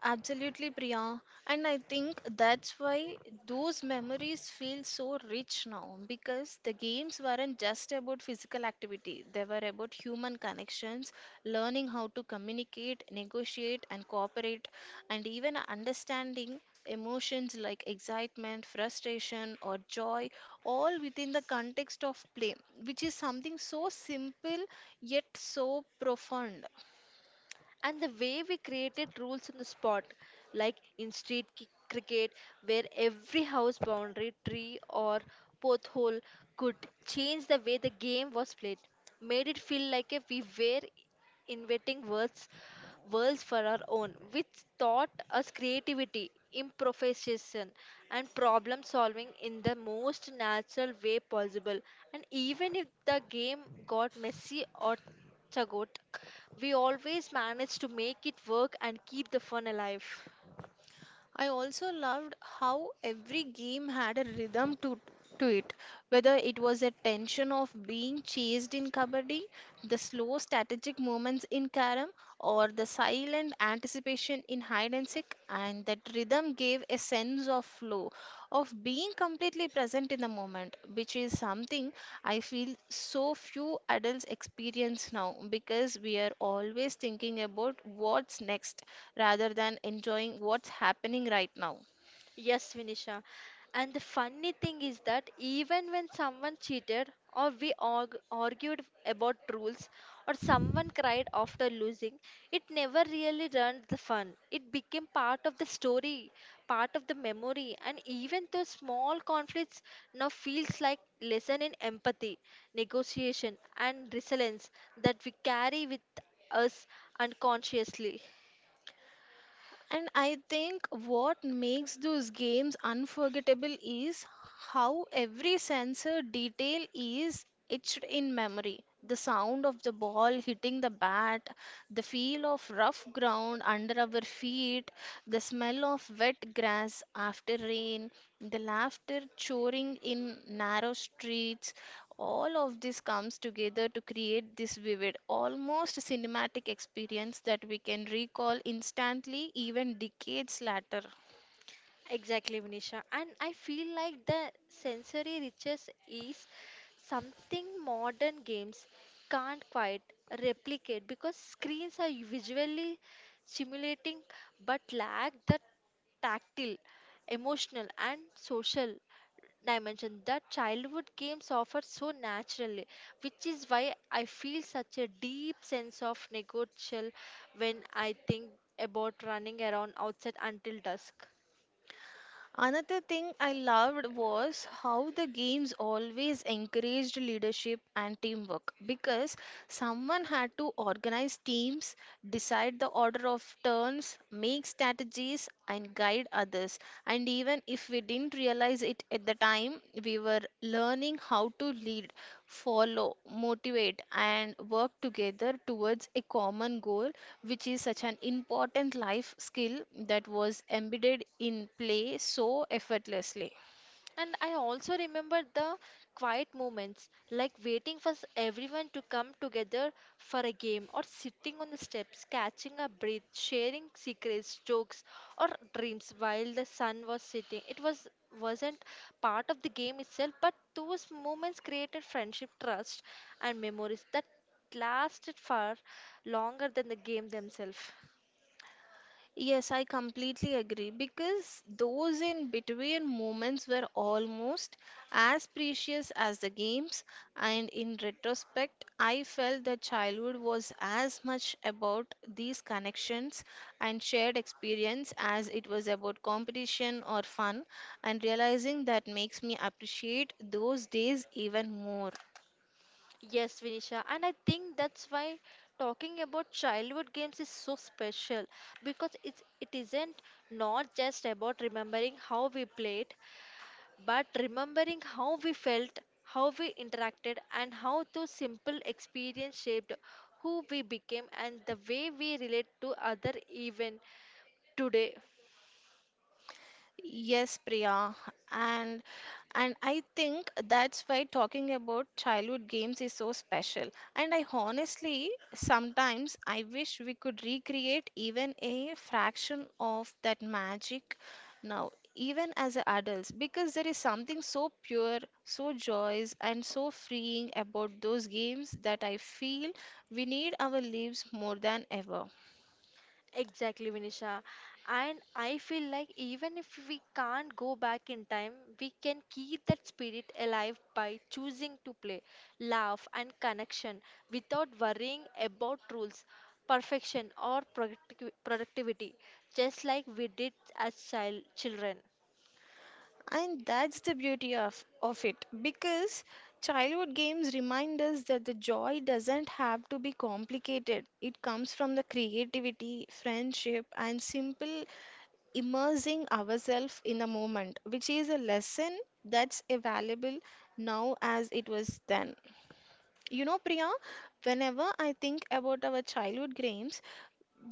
Speaker 2: Absolutely, Priya. And I think that's why those memories feel so rich now because the games weren't just about physical activity, they were about human connections, learning how to communicate, negotiate, and cooperate, and even understanding emotions like excitement, frustration, or joy, all within the context of play, which is something so simple yet so profound.
Speaker 1: And the way we created rules on the spot, like in street cricket, where every house boundary, tree, or pothole could change the way the game was played, made it feel like if we were inventing words, worlds for our own, which taught us creativity, improvisation, and problem solving in the most natural way possible. And even if the game got messy or Chagot, we always manage to make it work and keep the fun alive.
Speaker 2: I also loved how every game had a rhythm to it, whether it was a tension of being chased in kabaddi, the slow strategic moments in karam, or the silent anticipation in hide and seek, and that rhythm gave a sense of flow of being completely present in the moment, which is something I feel so few adults experience now because we are always thinking about what's next rather than enjoying what's happening right now.
Speaker 1: Yes, Vinisha. And the funny thing is that even when someone cheated or we argued about rules or someone cried after losing, it never really ruined the fun. It became part of the story, part of the memory, and even though small conflicts now feels like lesson in empathy, negotiation, and resilience that we carry with us unconsciously.
Speaker 2: And I think what makes those games unforgettable is how every sensor detail is etched in memory. The sound of the ball hitting the bat, the feel of rough ground under our feet, the smell of wet grass after rain, the laughter choring in narrow streets, all of this comes together to create this vivid, almost cinematic experience that we can recall instantly, even decades later.
Speaker 1: Exactly, Vinisha. And I feel like the sensory riches is something modern games can't quite replicate because screens are visually stimulating but lack the tactile, emotional, and social dimension that childhood games offer so naturally, which is why I feel such a deep sense of negotiable when I think about running around outside until dusk.
Speaker 2: Another thing I loved was how the games always encouraged leadership and teamwork because someone had to organize teams, decide the order of turns, make strategies, and guide others. And even if we didn't realize it at the time, we were learning how to lead, follow, motivate, and work together towards a common goal, which is such an important life skill that was embedded in play so effortlessly.
Speaker 1: And I also remember the quiet moments, like waiting for everyone to come together for a game, or sitting on the steps, catching a breath, sharing secrets, jokes, or dreams while the sun was setting. It wasn't part of the game itself, but those moments created friendship, trust, and memories that lasted far longer than the game themselves.
Speaker 2: Yes, I completely agree because those in between moments were almost as precious as the games, and in retrospect, I felt that childhood was as much about these connections and shared experience as it was about competition or fun, and realizing that makes me appreciate those days even more.
Speaker 1: Yes, Vinisha, and I think that's why talking about childhood games is so special because it isn't not just about remembering how we played, but remembering how we felt, how we interacted, and how those simple experiences shaped who we became and the way we relate to other even today.
Speaker 2: Yes, Priya, and and I think that's why talking about childhood games is so special. And I honestly sometimes I wish we could recreate even a fraction of that magic now, even as adults, because there is something so pure, so joyous, and so freeing about those games that I feel we need our lives more than ever.
Speaker 1: Exactly, Vinisha. And I feel like even if we can't go back in time, we can keep that spirit alive by choosing to play, laugh, and connection without worrying about rules, perfection, or productivity, just like we did as children.
Speaker 2: And that's the beauty of it because childhood games remind us that the joy doesn't have to be complicated. It comes from the creativity, friendship, and simple immersing ourselves in the moment, which is a lesson that's available now as it was then. You know, Priya, whenever I think about our childhood games,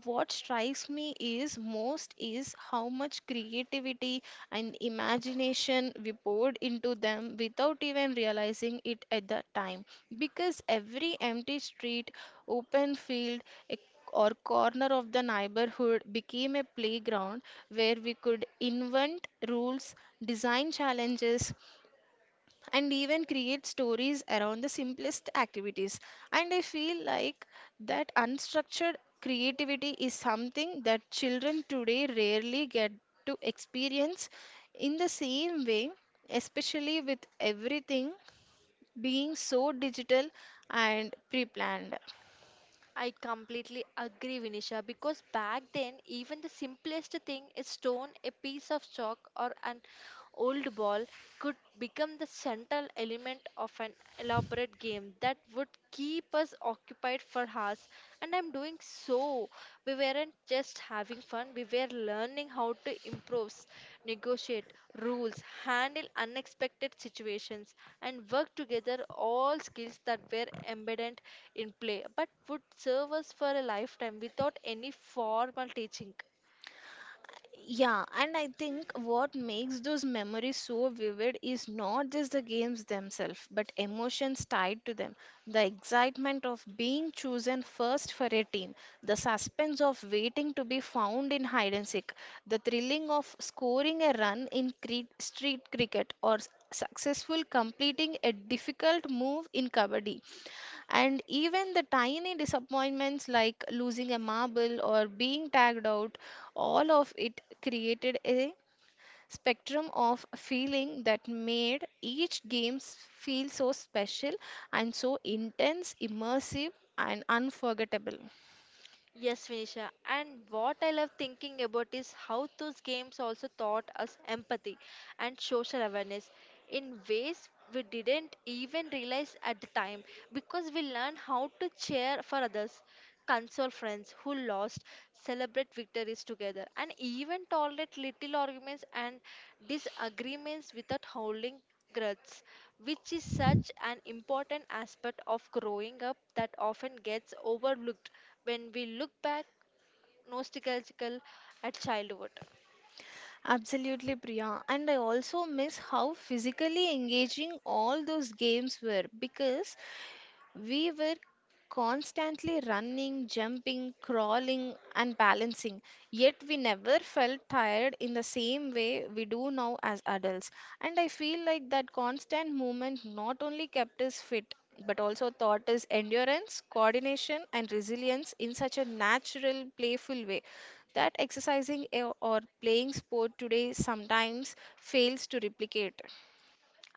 Speaker 2: what strikes me is most is how much creativity and imagination we poured into them without even realizing it at the time because every empty street open field a- or corner of the neighborhood became a playground where we could invent rules, design challenges, and even create stories around the simplest activities. And I feel like that unstructured creativity is something that children today rarely get to experience in the same way, especially with everything being so digital and pre planned.
Speaker 1: I completely agree, Vinisha, because back then, even the simplest thing, a stone, a piece of chalk, or an old ball, could become the central element of an elaborate game that would keep us occupied for hours. And I'm doing so we weren't just having fun, we were learning how to improvise, negotiate rules, handle unexpected situations, and work together all skills that were embedded in play but would serve us for a lifetime without any formal teaching.
Speaker 2: Yeah, and I think what makes those memories so vivid is not just the games themselves, but emotions tied to them. The excitement of being chosen first for a team, the suspense of waiting to be found in hide and seek, the thrilling of scoring a run in street cricket, or successful completing a difficult move in kabaddi. And even the tiny disappointments like losing a marble or being tagged out, all of it created a spectrum of feeling that made each game feel so special and so intense, immersive, and unforgettable.
Speaker 1: Yes, Vinisha. And what I love thinking about is how those games also taught us empathy and social awareness in ways we didn't even realize at the time because we learn how to cheer for others, console friends who lost, celebrate victories together, and even tolerate little arguments and disagreements without howling growths, which is such an important aspect of growing up that often gets overlooked when we look back nostalgical at childhood.
Speaker 2: Absolutely, Priya. And I also miss how physically engaging all those games were because we were constantly running, jumping, crawling, and balancing. Yet we never felt tired in the same way we do now as adults. And I feel like that constant movement not only kept us fit, but also taught us endurance, coordination, and resilience in such a natural, playful way that exercising or playing sport today sometimes fails to replicate.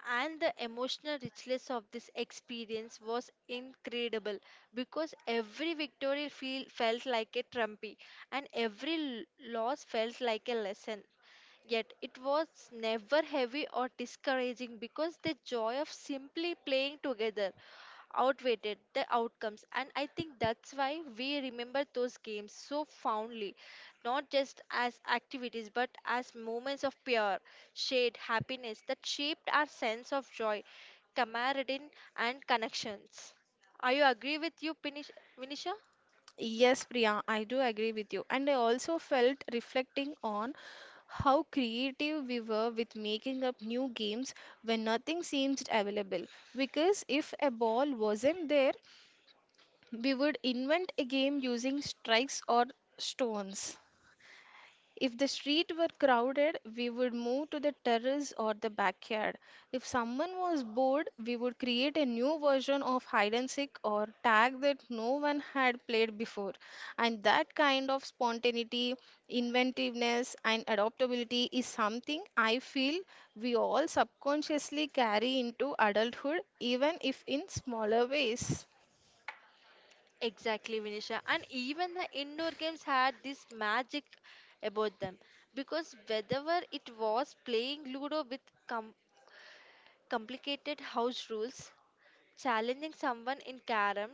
Speaker 1: And the emotional richness of this experience was incredible because every felt like a trumpy and every loss felt like a lesson. Yet it was never heavy or discouraging because the joy of simply playing together outweighed the outcomes. And I think that's why we remember those games so fondly, not just as activities but as moments of pure, shared happiness that shaped our sense of joy, camaraderie, and connections. Are you agree with you, Vinisha?
Speaker 2: Yes, Priya, I do agree with you. And I also felt reflecting on how creative we were with making up new games when nothing seemed available. Because if a ball wasn't there, we would invent a game using strikes or stones. If the street were crowded, we would move to the terrace or the backyard. If someone was bored, we would create a new version of hide and seek or tag that no one had played before. And that kind of spontaneity, inventiveness, and adaptability is something I feel we all subconsciously carry into adulthood, even if in smaller ways.
Speaker 1: Exactly, Vinisha. And even the indoor games had this magic about them because whether it was playing Ludo with com- complicated house rules, challenging someone in Karam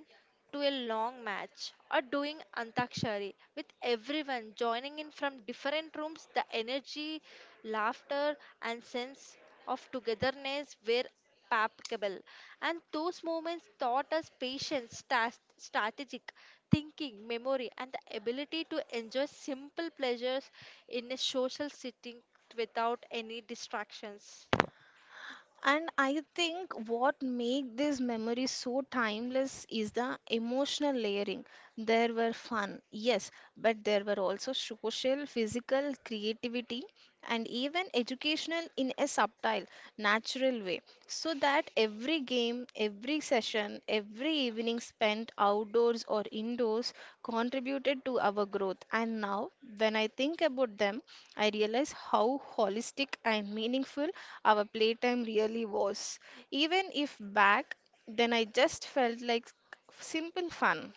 Speaker 1: to a long match, or doing Antakshari with everyone joining in from different rooms, the energy, laughter, and sense of togetherness were palpable. And those moments taught us patience, strategic thinking, memory, and the ability to enjoy simple pleasures in a social setting without any distractions.
Speaker 2: And I think what make these memories so timeless is the emotional layering. There were fun, yes, but there were also social, physical, creativity, and even educational in a subtle, natural way. So that every game, every session, every evening spent outdoors or indoors, contributed to our growth. And now, when I think about them, I realize how holistic and meaningful our playtime really was. Even if back then I just felt like simple fun.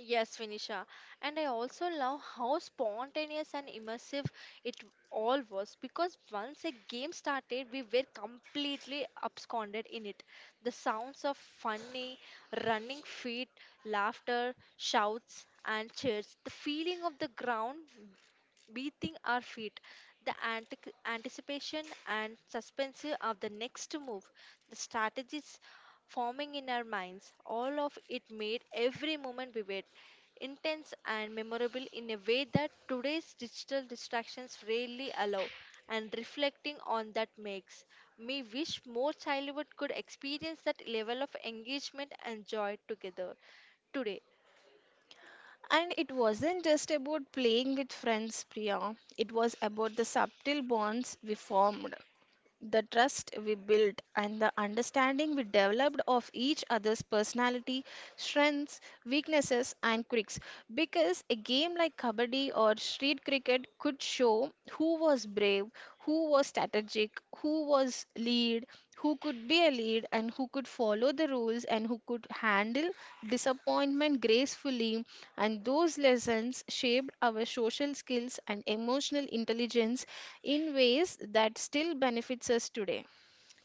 Speaker 1: Yes, Vinisha. And I also love how spontaneous and immersive it all was because once a game started, we were completely absconded in it. The sounds of funny, running feet, laughter, shouts, and cheers, the feeling of the ground beating our feet, the anticipation and suspense of the next move, the strategies forming in our minds, all of it made every moment vivid, intense, and memorable in a way that today's digital distractions rarely allow. And reflecting on that makes me wish more childhood could experience that level of engagement and joy together today.
Speaker 2: And it wasn't just about playing with friends, Priya. It was about the subtle bonds we formed. The trust we built and the understanding we developed of each other's personality, strengths, weaknesses, and quirks. Because a game like Kabaddi or street cricket could show who was brave, who was strategic, who was lead, who could be a lead and who could follow the rules and who could handle disappointment gracefully, and those lessons shaped our social skills and emotional intelligence in ways that still benefits us today.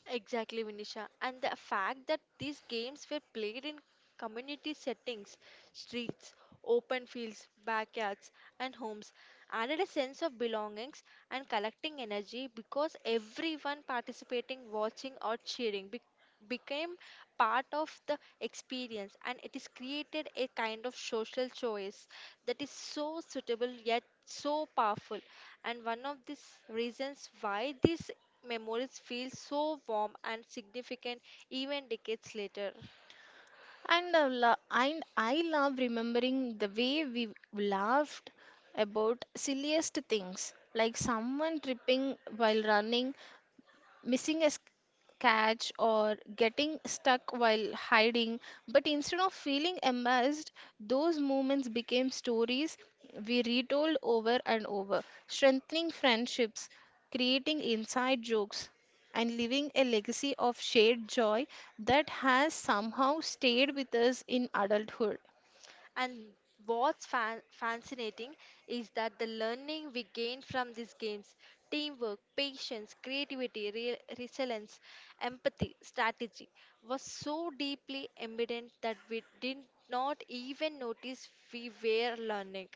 Speaker 1: Exactly, Vinisha. And the fact that these games were played in community settings, streets, open fields, backyards, and homes added a sense of belongings and collecting energy because everyone participating, watching, or cheering became part of the experience and it is created a kind of social choice that is so suitable yet so powerful and one of the reasons why these memories feel so warm and significant even decades later.
Speaker 2: And I love remembering the way we laughed about silliest things like someone tripping while running, missing a catch, or getting stuck while hiding, but instead of feeling amazed, those moments became stories we retold over and over, strengthening friendships, creating inside jokes, and leaving a legacy of shared joy that has somehow stayed with us in adulthood.
Speaker 1: And what's fascinating is that the learning we gain from these games teamwork, patience, creativity, resilience, empathy, strategy was so deeply embedded that we did not even notice we were learning,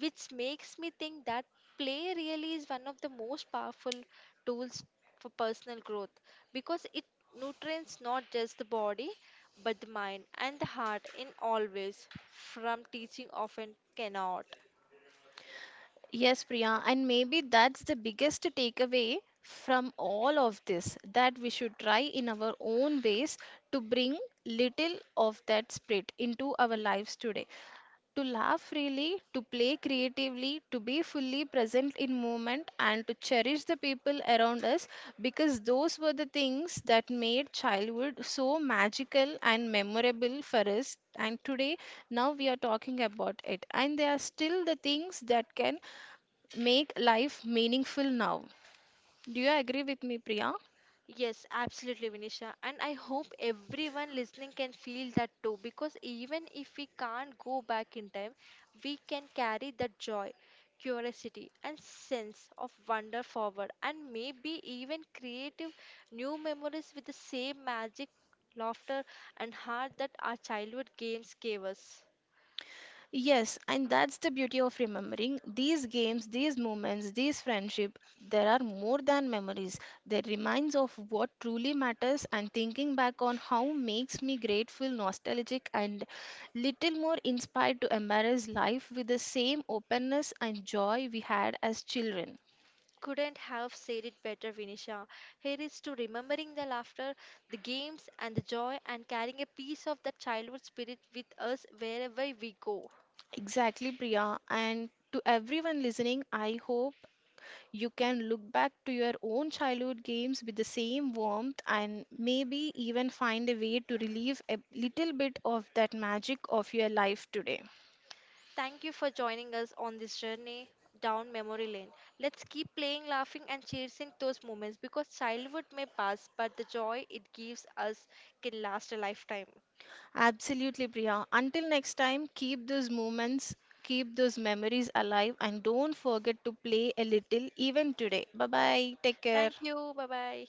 Speaker 1: which makes me think that play really is one of the most powerful tools for personal growth because it nutrients not just the body but the mind and the heart in all ways from teaching often cannot.
Speaker 2: Yes, Priya, and maybe that's the biggest takeaway from all of this, that we should try in our own ways to bring little of that spirit into our lives today. To laugh freely, to play creatively, to be fully present in moment, and to cherish the people around us because those were the things that made childhood so magical and memorable for us. And today, now we are talking about it, and they are still the things that can make life meaningful now. Do you agree with me, Priya?
Speaker 1: Yes, absolutely, Vinisha. And I hope everyone listening can feel that too because even if we can't go back in time, we can carry that joy, curiosity, and sense of wonder forward and maybe even creative new memories with the same magic, laughter, and heart that our childhood games gave us.
Speaker 2: Yes, and that's the beauty of remembering these games, these moments, these friendship. There are more than memories. They reminds of what truly matters, and thinking back on how makes me grateful, nostalgic, and little more inspired to embrace life with the same openness and joy we had as children.
Speaker 1: Couldn't have said it better, Vinisha. Here is to remembering the laughter, the games, and the joy, and carrying a piece of that childhood spirit with us wherever we go.
Speaker 2: Exactly, Priya. And to everyone listening, I hope you can look back to your own childhood games with the same warmth and maybe even find a way to relieve a little bit of that magic of your life today.
Speaker 1: Thank you for joining us on this journey down memory lane. Let's keep playing, laughing, and chasing those moments because childhood may pass, but the joy it gives us can last a lifetime.
Speaker 2: Absolutely, Priya. Until next time, keep those moments, keep those memories alive, and don't forget to play a little even today. Bye bye. Take care.
Speaker 1: Thank you. Bye bye.